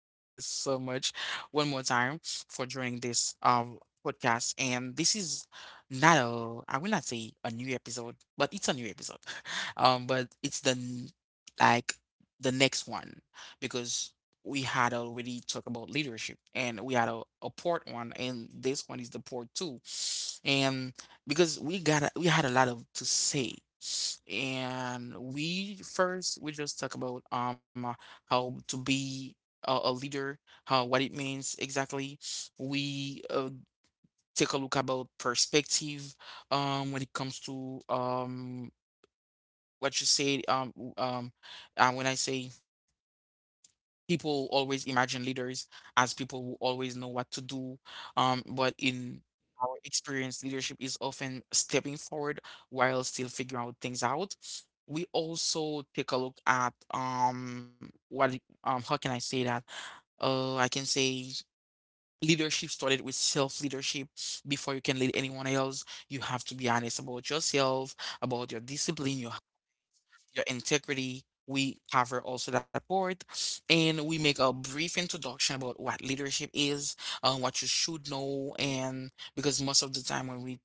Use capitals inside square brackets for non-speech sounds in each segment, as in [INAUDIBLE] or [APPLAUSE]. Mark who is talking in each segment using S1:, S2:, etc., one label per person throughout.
S1: Thank you so much one more time for joining this podcast. And this is not a I will not say a new episode, but it's a new episode. [LAUGHS] But it's the n- like The next one, because we had already talked about leadership and we had a part one and this one is the part two. And because we had a lot of to say. And we just talk about how to be a leader, how what it means exactly. We take a look about perspective when it comes to what you say w- when I say people always imagine leaders as people who always know what to do. But in our experience, leadership is often stepping forward while still figuring out things out. We also take a look at how can I say that? I can say leadership started with self leadership. Before you can lead anyone else, you have to be honest about yourself, about your discipline, your integrity. We cover also that part, and we make a brief introduction about what leadership is, what you should know, and because most of the time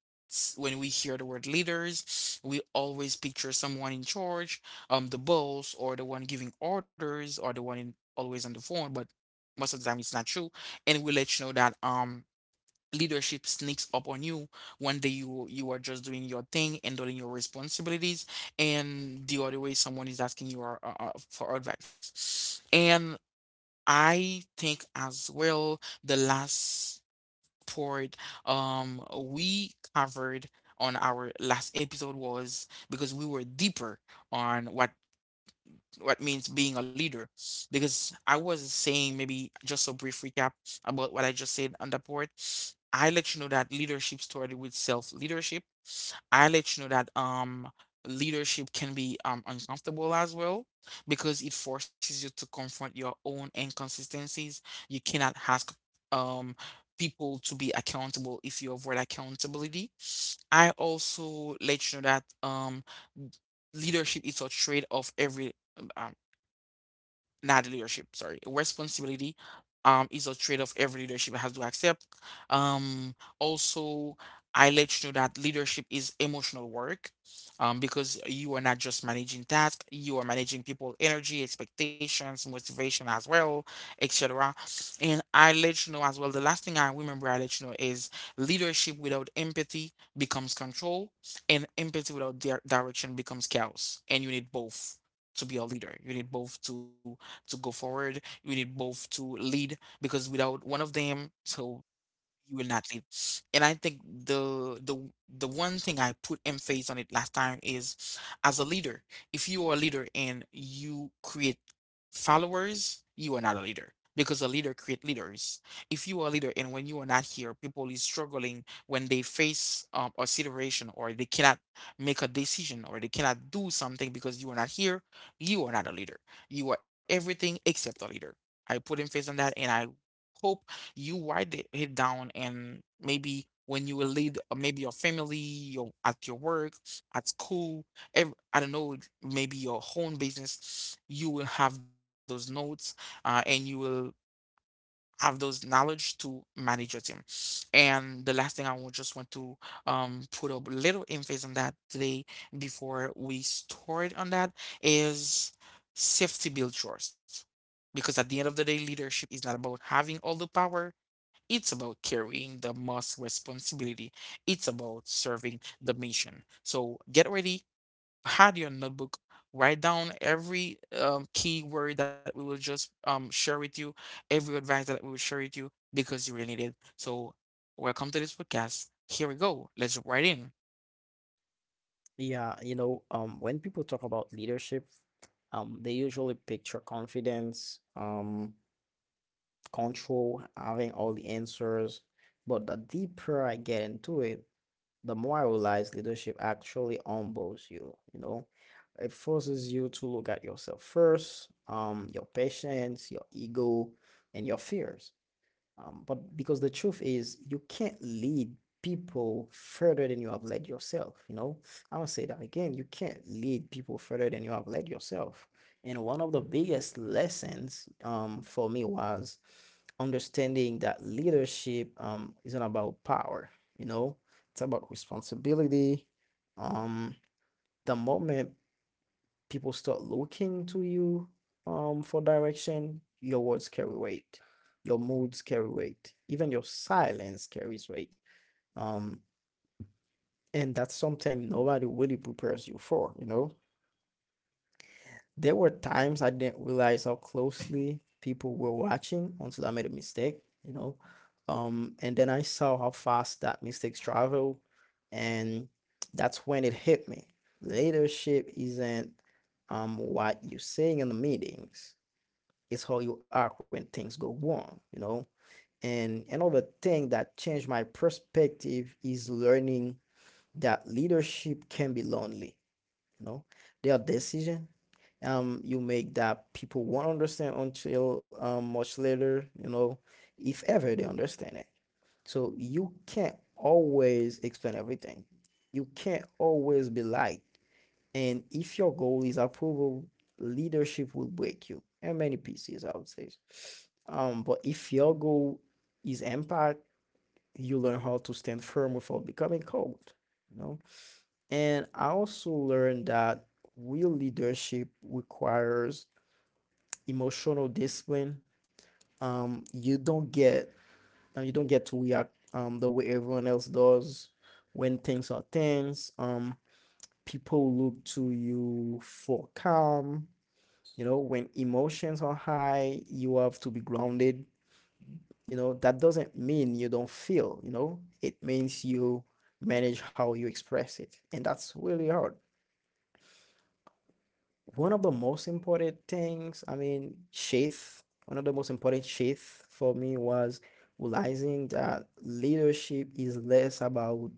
S1: when we hear the word leaders, we always picture someone in charge, the boss, or the one giving orders, or the one in, always on the phone, but most of the time it's not true. And we let you know that leadership sneaks up on you. One day, you are just doing your thing and doing your responsibilities, and the other way someone is asking you for advice. And I think as well, the last part we covered on our last episode was because we were deeper on what means being a leader, because I was saying maybe just a brief recap about what I just said on the board. I let you know that leadership started with self leadership. I let you know that leadership can be uncomfortable as well, because it forces you to confront your own inconsistencies. You cannot ask um people to be accountable if you avoid accountability. I also let you know that leadership is a trait of every um, not leadership, sorry, responsibility is a trade-off every leadership has to accept. Um, also, I let you know that leadership is emotional work, because you are not just managing tasks, you are managing people, energy, expectations, motivation as well, etc. And I let you know as well. The last thing I remember I let you know is leadership without empathy becomes control, and empathy without direction becomes chaos. And you need both to be a leader. You need both to go forward. You need both to lead, because without one of them, so you will not leave. And I think the one thing I put emphasis on it last time is, as a leader, if you are a leader and you create followers, you are not a leader, because a leader create leaders. If you are a leader and when you are not here, people is struggling when they face a situation, or they cannot make a decision, or they cannot do something because you are not here, you are not a leader. You are everything except a leader. I put emphasis on that, and I hope you write it down, and maybe when you will lead maybe your family, your at your work, at school, I don't know, maybe your own business, you will have those notes, and you will have those knowledge to manage your team. And the last thing I would just want to put a little emphasis on that today, before we start on that, is safety build trust, because at the end of the day, leadership is not about having all the power, it's about carrying the most responsibility. It's about serving the mission. So get ready, had your notebook, write down every key word that we will just share with you, every advice that we will share with you, because you really need it. So welcome to this podcast. Here we go. Let's jump right in.
S2: When people talk about leadership, they usually picture confidence, control, having all the answers. But the deeper I get into it, the more I realize leadership actually humbles you, you know. It forces you to look at yourself first, your patience, your ego, and your fears. But because the truth is, you can't lead people further than you have led yourself. You know, I'm gonna say that again. You can't lead people further than you have led yourself. And one of the biggest lessons for me was understanding that leadership isn't about power. You know, it's about responsibility. Um, the moment people start looking to you for direction, your words carry weight, your moods carry weight, even your silence carries weight. Um, and that's something nobody really prepares you for. There were times I didn't realize how closely people were watching until I made a mistake. And then I saw how fast that mistakes travel, and that's when it hit me. Leadership isn't what you're saying in the meetings. It's how you act when things go wrong, you know? And another thing that changed my perspective is learning that leadership can be lonely, you know? There are decisions you make that people won't understand until much later, you know, if ever they understand it. So you can't always explain everything. You can't always be liked. And if your goal is approval, leadership will break you. And many pieces, I would say. But if your goal is impact, you learn how to stand firm without becoming cold. You know? And I also learned that real leadership requires emotional discipline. Um, you don't get you don't get to react the way everyone else does when things are tense. People look to you for calm. You know, when emotions are high, you have to be grounded. You know, that doesn't mean you don't feel, you know, it means you manage how you express it. And that's really hard. One of the most important things, I mean, sheath, one of the most important sheath for me was realizing that leadership is less about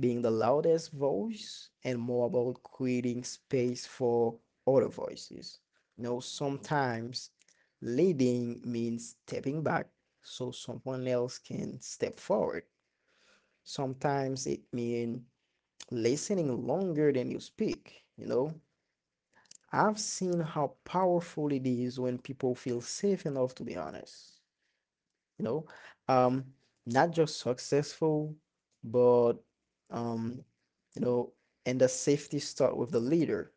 S2: being the loudest voice and more about creating space for other voices. You know, sometimes leading means stepping back so someone else can step forward. Sometimes it means listening longer than you speak, you know. I've seen how powerful it is when people feel safe enough to be honest, you know, um not just successful, but um you know, and the safety start with the leader,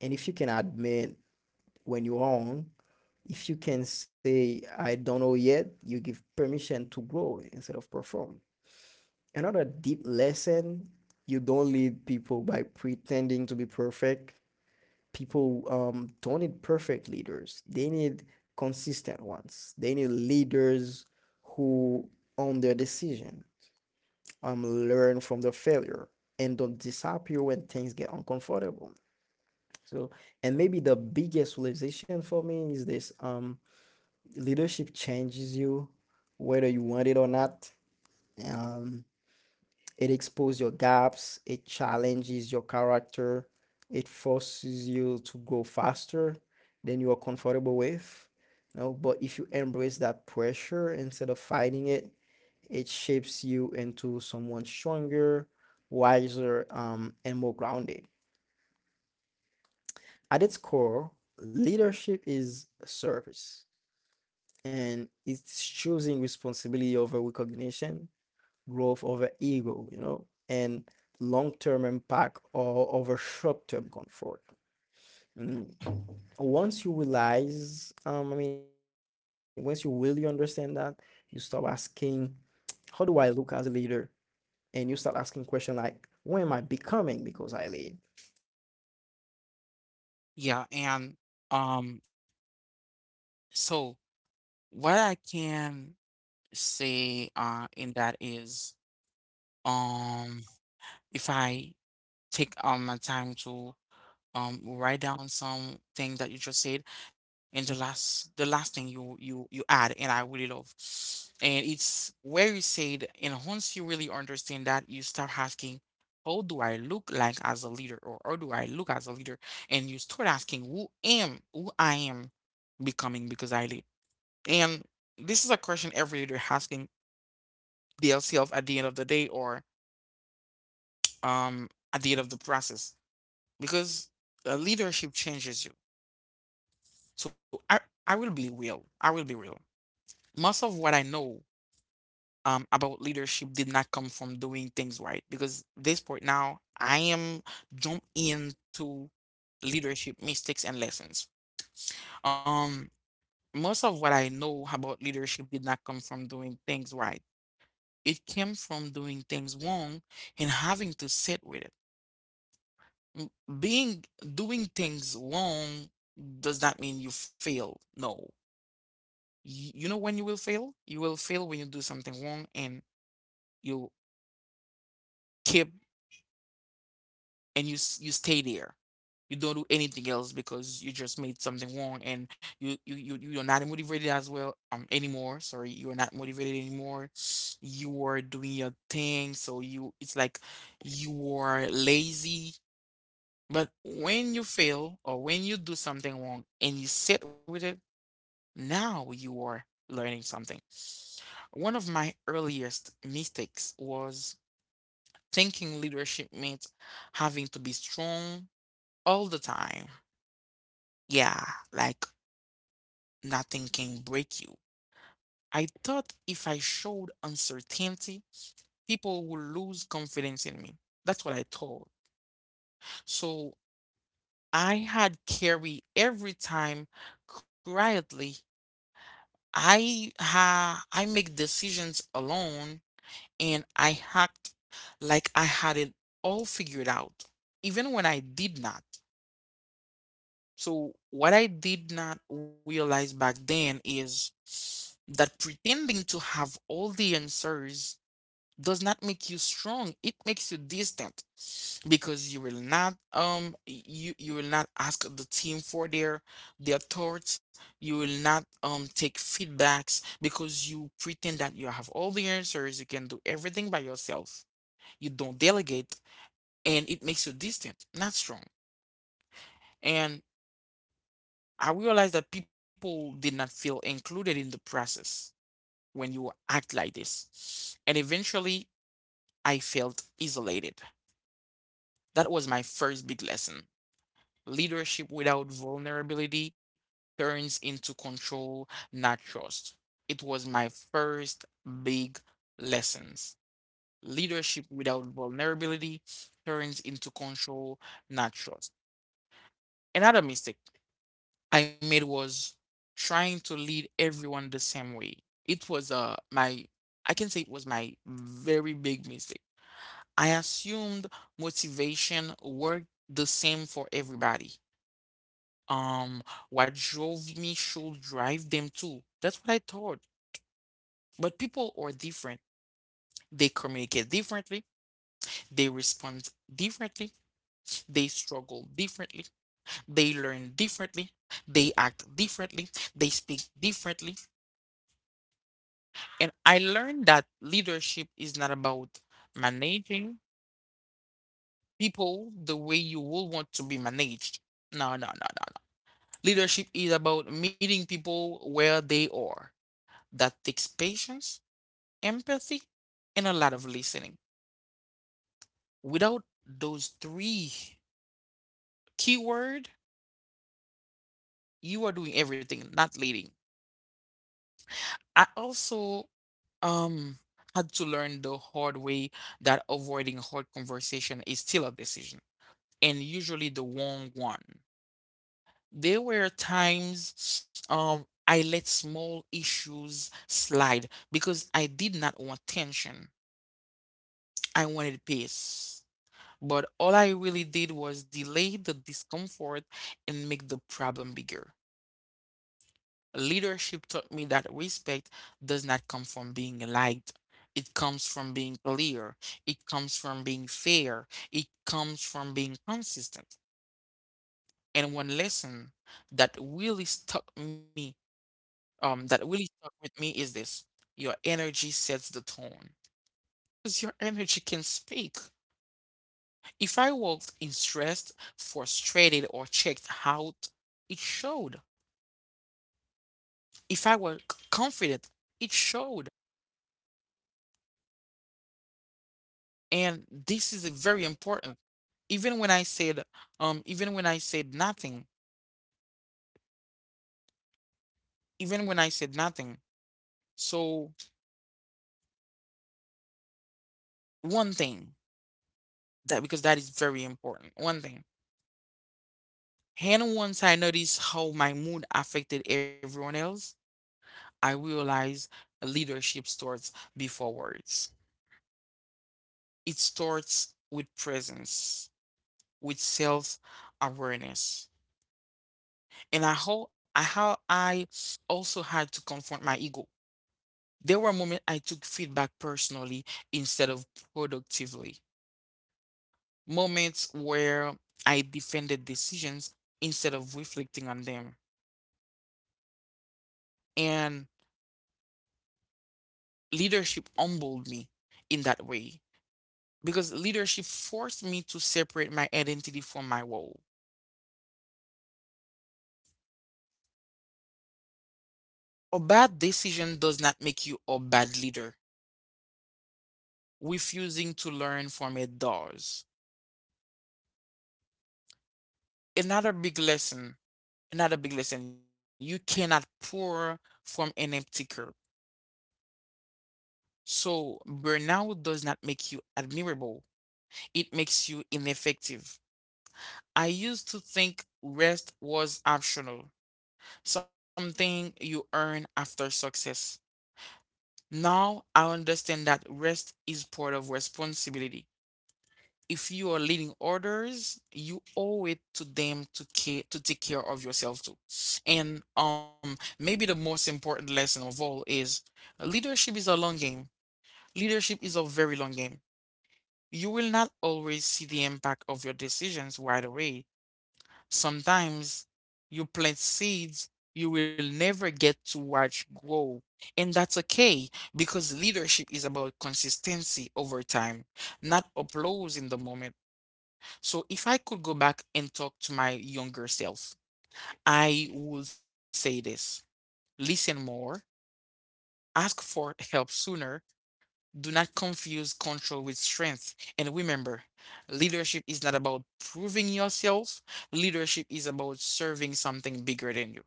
S2: and if you can admit when you're wrong, if you can say I don't know yet, you give permission to grow instead of perform. Another deep lesson, you don't lead people by pretending to be perfect. People don't need perfect leaders. They need consistent ones. They need leaders who own their decision, learn from the failure, and don't disappear when things get uncomfortable. So, and maybe the biggest realization for me is this: leadership changes you, whether you want it or not. Um, It exposes your gaps, it challenges your character, it forces you to go faster than you are comfortable with. No, but if you embrace that pressure instead of fighting it, it shapes you into someone stronger, wiser, and more grounded. At its core, leadership is service, and it's choosing responsibility over recognition, growth over ego, you know, and long term impact or over short term comfort. Mm. Once you realize, I mean, once you really understand that, you stop asking, how do I look as a leader? And you start asking questions like, when am I becoming because I lead?
S1: Yeah, and um, so what I can say in that is, um if I take my time to write down some things that you just said, and the last thing you add, and I really love, and it's where you said, and once you really understand that, you start asking how do I look like as a leader, or how do I look as a leader, and you start asking who am, who I am becoming because I lead. And this is a question every leader asking themselves at the end of the day, or at the end of the process, because leadership changes you. So I will be real. I will be real. Most of what I know about leadership did not come from doing things right, because this point now I am jump into leadership mistakes and lessons. Um most of what I know about leadership did not come from doing things right. It came from doing things wrong and having to sit with it. M- Being Doing things wrong does not mean you fail. No. You know when you will fail? You will fail when you do something wrong and you keep, and you stay there. You don't do anything else because you just made something wrong, and you're not motivated as well anymore. Sorry, you're not motivated anymore. You were doing your thing, so you it's like you were lazy. But when you fail, or when you do something wrong and you sit with it, now you are learning something. One of my earliest mistakes was thinking leadership meant having to be strong all the time. Yeah, like nothing can break you. I thought if I showed uncertainty, people would lose confidence in me. That's what I thought. So I had carry every time quietly. I make decisions alone, and I hacked like I had it all figured out, even when I did not. So, what I did not realize back then is that pretending to have all the answers does not make you strong. It makes you distant, because you will not you will not ask the team for their thoughts. You will not take feedbacks because you pretend that you have all the answers. You can do everything by yourself, you don't delegate, and it makes you distant, not strong. And I realized that people did not feel included in the process when you act like this. And eventually, I felt isolated. That was my first big lesson. Leadership without vulnerability turns into control, not trust. It was my first big lessons. Leadership without vulnerability turns into control, not trust. Another mistake I made was trying to lead everyone the same way. It was my, I can say it was my very big mistake. I assumed motivation worked the same for everybody. Um, what drove me should drive them too. That's what I thought. But people are different. They communicate differently. They respond differently. They struggle differently. They learn differently. They act differently. They speak differently. And I learned that leadership is not about managing people the way you would want to be managed. No, no, no, no, no. Leadership is about meeting people where they are. That takes patience, empathy, and a lot of listening. Without those three keyword, you are doing everything, not leading. I also um had to learn the hard way that avoiding hard conversation is still a decision, and usually the wrong one. There were times I let small issues slide because I did not want tension. I wanted peace. But all I really did was delay the discomfort and make the problem bigger. Leadership taught me that respect does not come from being liked. It comes from being clear. It comes from being fair. It comes from being consistent. And one lesson that really stuck me that really stuck with me is this. Your energy sets the tone. Because your energy can speak. If I walked in stressed, frustrated, or checked out, it showed. If I were confident, it showed. And this is very important. Even when I said, even when I said nothing, even when I said nothing. So one thing that, because that is very important. One thing. And once I noticed how my mood affected everyone else, I realize leadership starts before words. It starts with presence, with self awareness. And I also had to confront my ego. There were moments I took feedback personally instead of productively. Moments where I defended decisions instead of reflecting on them. And leadership humbled me in that way, because leadership forced me to separate my identity from my role. A bad decision does not make you a bad leader. Refusing to learn from it does. Another big lesson, another big lesson, you cannot pour from an empty cup. So burnout does not make you admirable, it makes you ineffective. I used to think rest was optional, something you earn after success. Now I understand that rest is part of responsibility. If you are leading others, you owe it to them to care to take care of yourself too. And maybe the most important lesson of all is leadership is a long game. Leadership is a very long game. You will not always see the impact of your decisions right away. Sometimes you plant seeds you will never get to watch grow. And that's okay, because leadership is about consistency over time, not applause in the moment. So if I could go back and talk to my younger self, I would say this: listen more, ask for help sooner, do not confuse control with strength. And remember, leadership is not about proving yourself, leadership is about serving something bigger than you.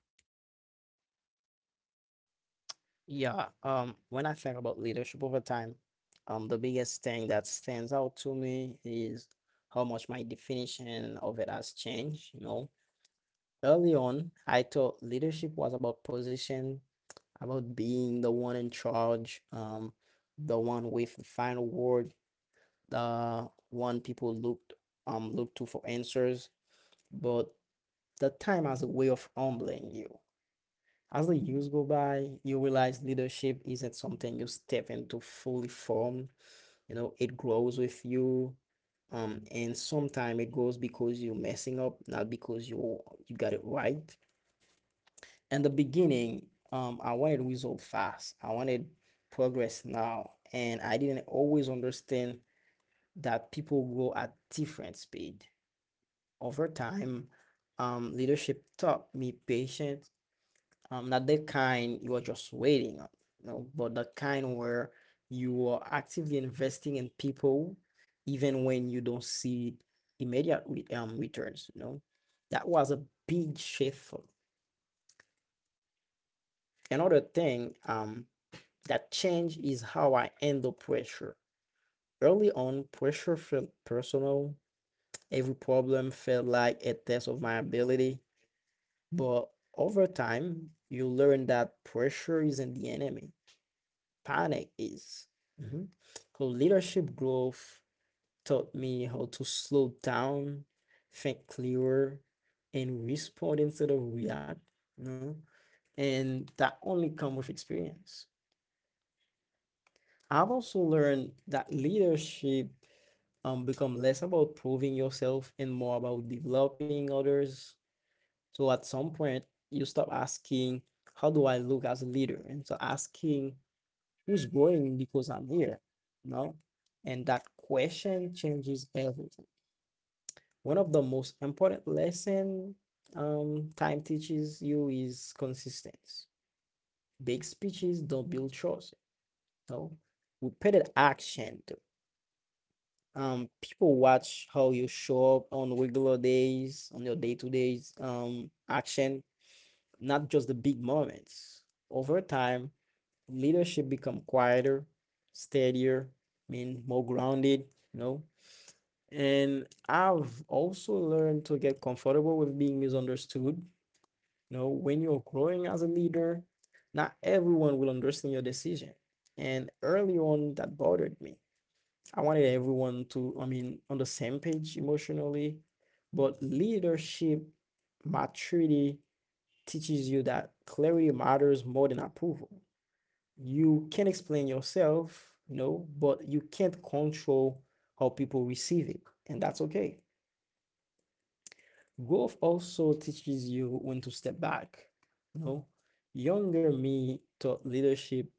S2: Yeah, when I think about leadership over time, the biggest thing that stands out to me is how much my definition of it has changed, you know. Early on, I thought leadership was about position, about being the one in charge, the one with the final word, the one people looked to for answers. But the time has a way of humbling you. As the years go by, you realize leadership isn't something you step into fully formed. You know, it grows with you. And sometimes it grows because you're messing up, not because you got it right. In the beginning, I wanted result fast. I wanted progress now, and I didn't always understand that people grow at different speed. Over time, leadership taught me patience. Not the kind you are just waiting on, you know, but the kind where you are actively investing in people, even when you don't see immediate returns. You know, that was a big shift me. Another thing, that change is how I handle pressure. Early on, pressure felt personal. Every problem felt like a test of my ability. But over time, you learn that pressure isn't the enemy, panic is. Mhm. So, leadership growth taught me how to slow down, think clearer, and respond instead of react. You know? And that only comes with experience. I've also learned that leadership become less about proving yourself and more about developing others. So at some point, you stop asking, how do I look as a leader? And so asking, who's growing because I'm here? No? And that question changes everything. One of the most important lesson time teaches you is consistency. Big speeches don't build trust. No, repeated action do. People watch how you show up on regular days, on your day to days action, not just the big moments. Over time, leadership become quieter, steadier, I mean more grounded, you know. And I've also learned to get comfortable with being misunderstood, you know. When you're growing as a leader, not everyone will understand your decision, and early on that bothered me. I wanted everyone to, I mean, on the same page emotionally. But leadership maturity teaches you that clarity matters more than approval. You can explain yourself, you know, but you can't control how people receive it, and that's okay. Growth also teaches you when to step back. You know, younger me thought leadership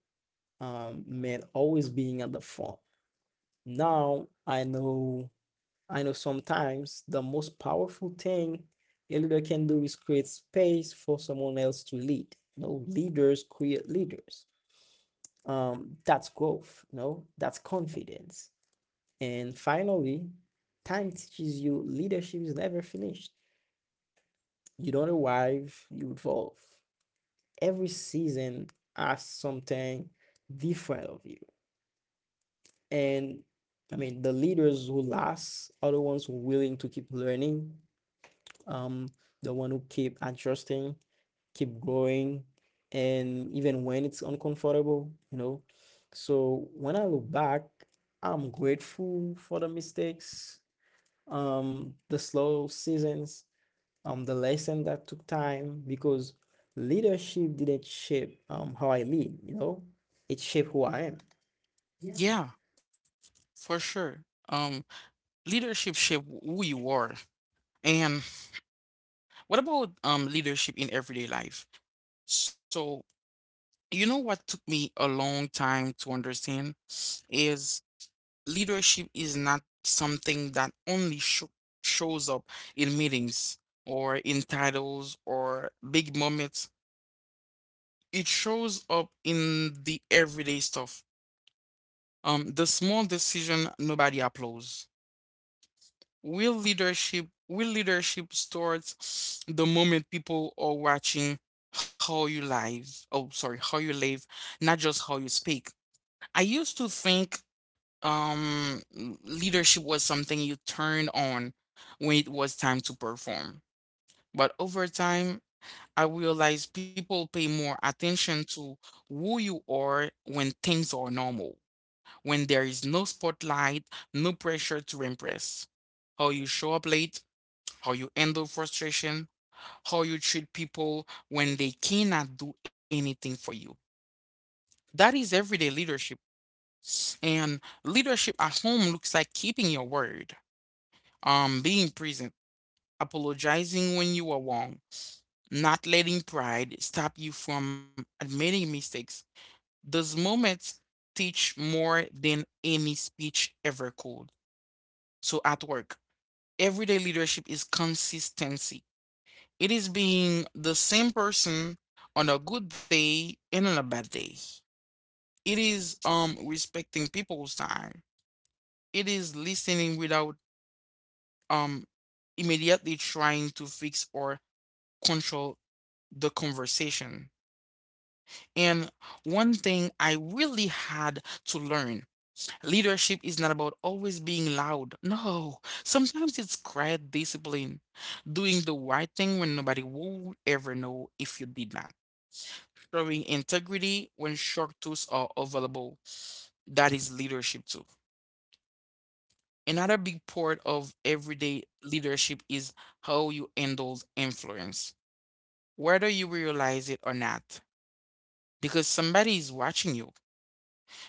S2: meant always being at the front. Now I know, sometimes the most powerful thing a leader can do is create space for someone else to lead. You know, leaders create leaders. That's growth, you know, that's confidence. And finally, time teaches you leadership is never finished. You don't arrive, you evolve. Every season asks something different of you. And I mean, the leaders who last are the ones who are willing to keep learning, um the one who keep adjusting, keep growing, and even when it's uncomfortable, you know. So when I look back, I'm grateful for the mistakes, the slow seasons, the lesson that took time, because leadership didn't shape how I lead, you know, it shaped who I am. Yeah,
S1: Yeah, for sure. Um, Leadership shape who you are. And what about leadership in everyday life? So, you know what took me a long time to understand is leadership is not something that only shows up in meetings or in titles or big moments. It shows up in the everyday stuff. The small decision nobody applauds. Real leadership starts the moment people are watching how you live. Oh, sorry, how you live, not just how you speak. I used to think um leadership was something you turned on when it was time to perform. But over time, I realized people pay more attention to who you are when things are normal, when there is no spotlight, no pressure to impress. How you show up late, how you handle frustration, how you treat people when they cannot do anything for you. That is everyday leadership. And leadership at home looks like keeping your word, being present, apologizing when you are wrong, not letting pride stop you from admitting mistakes. Those moments teach more than any speech ever could. So at work, everyday leadership is consistency. It is being the same person on a good day and on a bad day. It is respecting people's time. It is listening without um immediately trying to fix or control the conversation. And one thing I really had to learn: leadership is not about always being loud. No, sometimes it's quiet discipline, doing the right thing when nobody would ever know if you did not, showing integrity when shark tools are available. That is leadership too. Another big part of everyday leadership is how you handle influence, whether you realize it or not, because somebody is watching you.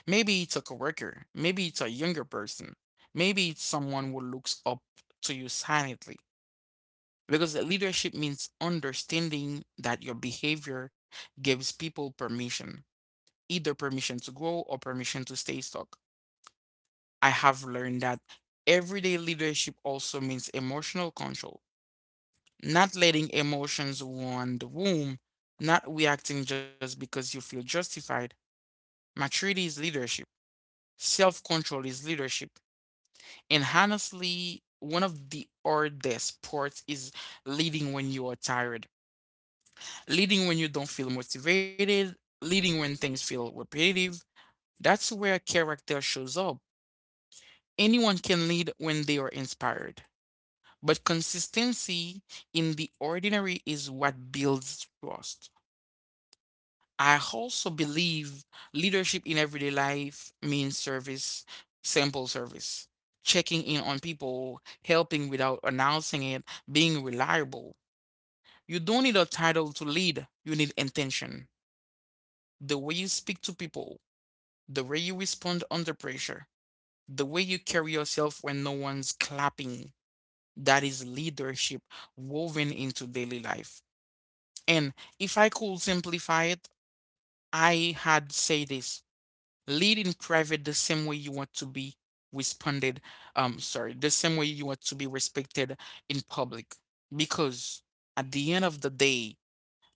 S1: Maybe it's a coworker, maybe it's a younger person, maybe it's someone who looks up to you silently. Because leadership means understanding that your behavior gives people permission, either permission to grow or permission to stay stuck. I have learned that everyday leadership also means emotional control, not letting emotions run the room, not reacting just because you feel justified. Maturity is leadership, self control is leadership. And honestly, one of the hardest parts is leading when you are tired, leading when you don't feel motivated, leading when things feel repetitive. That's where character shows up. Anyone can lead when they are inspired, but consistency in the ordinary is what builds trust. I also believe leadership in everyday life means service, simple service, checking in on people, helping without announcing it, being reliable. You don't need a title to lead, you need intention. The way you speak to people, the way you respond under pressure, the way you carry yourself when no one's clapping. That is leadership woven into daily life. And if I could simplify it, I had say this: lead in private the same way you want to be responded, the same way you want to be respected in public. Because at the end of the day,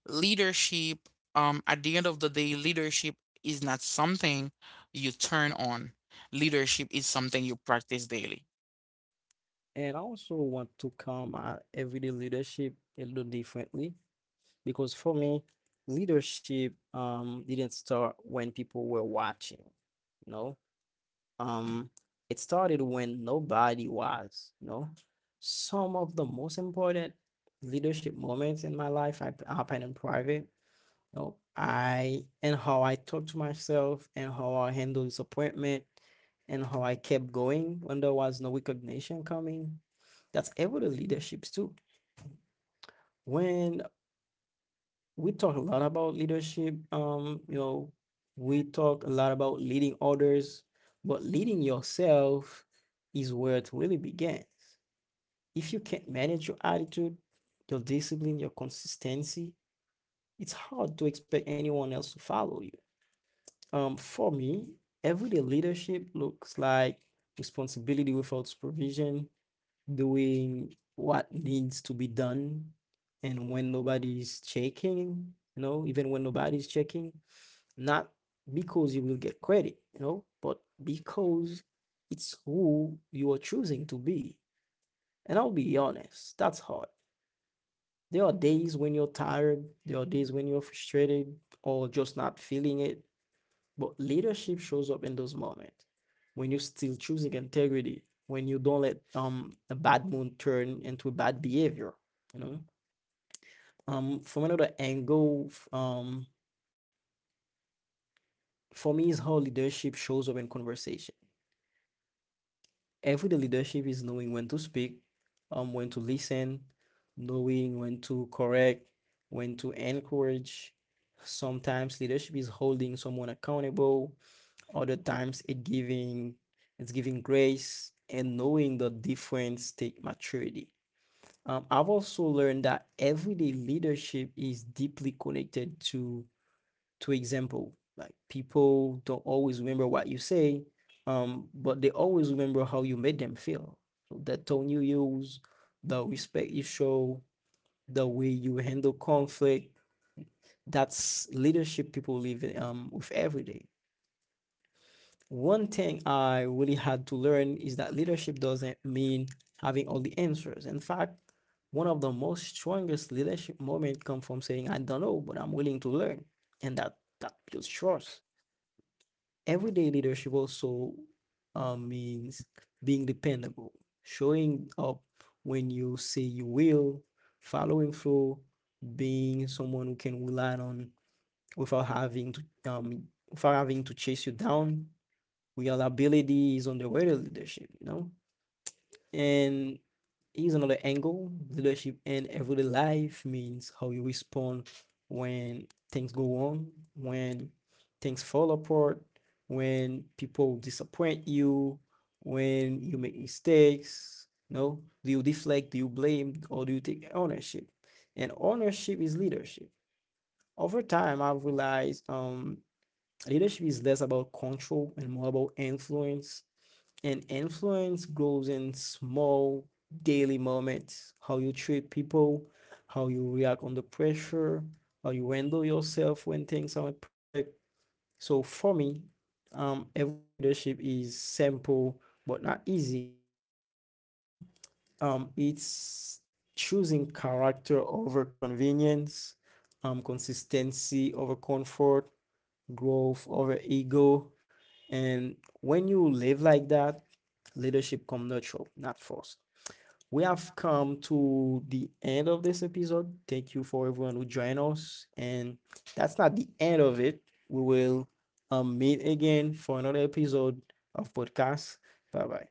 S1: leadership, at the end of the day, leadership is not something you turn on. Leadership is something you practice daily.
S2: and I also want to come at everyday leadership a little differently, because for me, leadership didn't start when people were watching, you know. Um, it started when nobody was, you know. Some of the most important leadership moments in my life I happen in private. You know, I And how I talk to myself, and how I handle disappointment, and how I kept going when there was no recognition coming. That's able to leaderships too. When we talk a lot about leadership. You know, we talk a lot about leading others, but leading yourself is where it really begins. If you can't manage your attitude, your discipline, your consistency, it's hard to expect anyone else to follow you. For me, everyday leadership looks like responsibility without supervision, doing what needs to be done and when nobody's checking, you know, even when nobody's checking, not because you will get credit, you know, but because it's who you are choosing to be. And I'll be honest, that's hard. There are days when you're tired, there are days when you're frustrated or just not feeling it. But leadership shows up in those moments when you are still choosing integrity, when you don't let a bad mood turn into bad behavior, you know. From another angle, for me is how leadership shows up in conversation. Everyday leadership is knowing when to speak, when to listen, knowing when to correct, when to encourage. Sometimes leadership is holding someone accountable, other times it's giving grace, and knowing the difference take maturity. I've also learned that everyday leadership is deeply connected to example. Like people don't always remember what you say, but they always remember how you made them feel. So the tone you use, the respect you show, the way you handle conflict, that's leadership people live with every day. One thing I really had to learn is that leadership doesn't mean having all the answers. In fact, one of the most strongest leadership moments come from saying, I don't know, but I'm willing to learn. And that builds trust. Everyday leadership also means being dependable, showing up when you say you will, following through, being someone who can rely on without having to um without having to chase you down. Reliability is on the way to leadership, you know? And here's another angle. Leadership in everyday life means how you respond when things go wrong, when things fall apart, when people disappoint you, when you make mistakes, you know? Do you deflect, do you blame, or do you take ownership? And ownership is leadership. Over time, I've realized leadership is less about control and more about influence, and influence grows in small daily moments. How you treat people, how you react under pressure, how you handle yourself when things aren't perfect. So for me, everyday leadership is simple but not easy. It's choosing character over convenience, consistency over comfort, growth over ego. And when you live like that, leadership come natural, not forced. We have come to the end of this episode. Thank you for everyone who joined us. And that's not the end of it. We will meet again for another episode of podcast. Bye bye.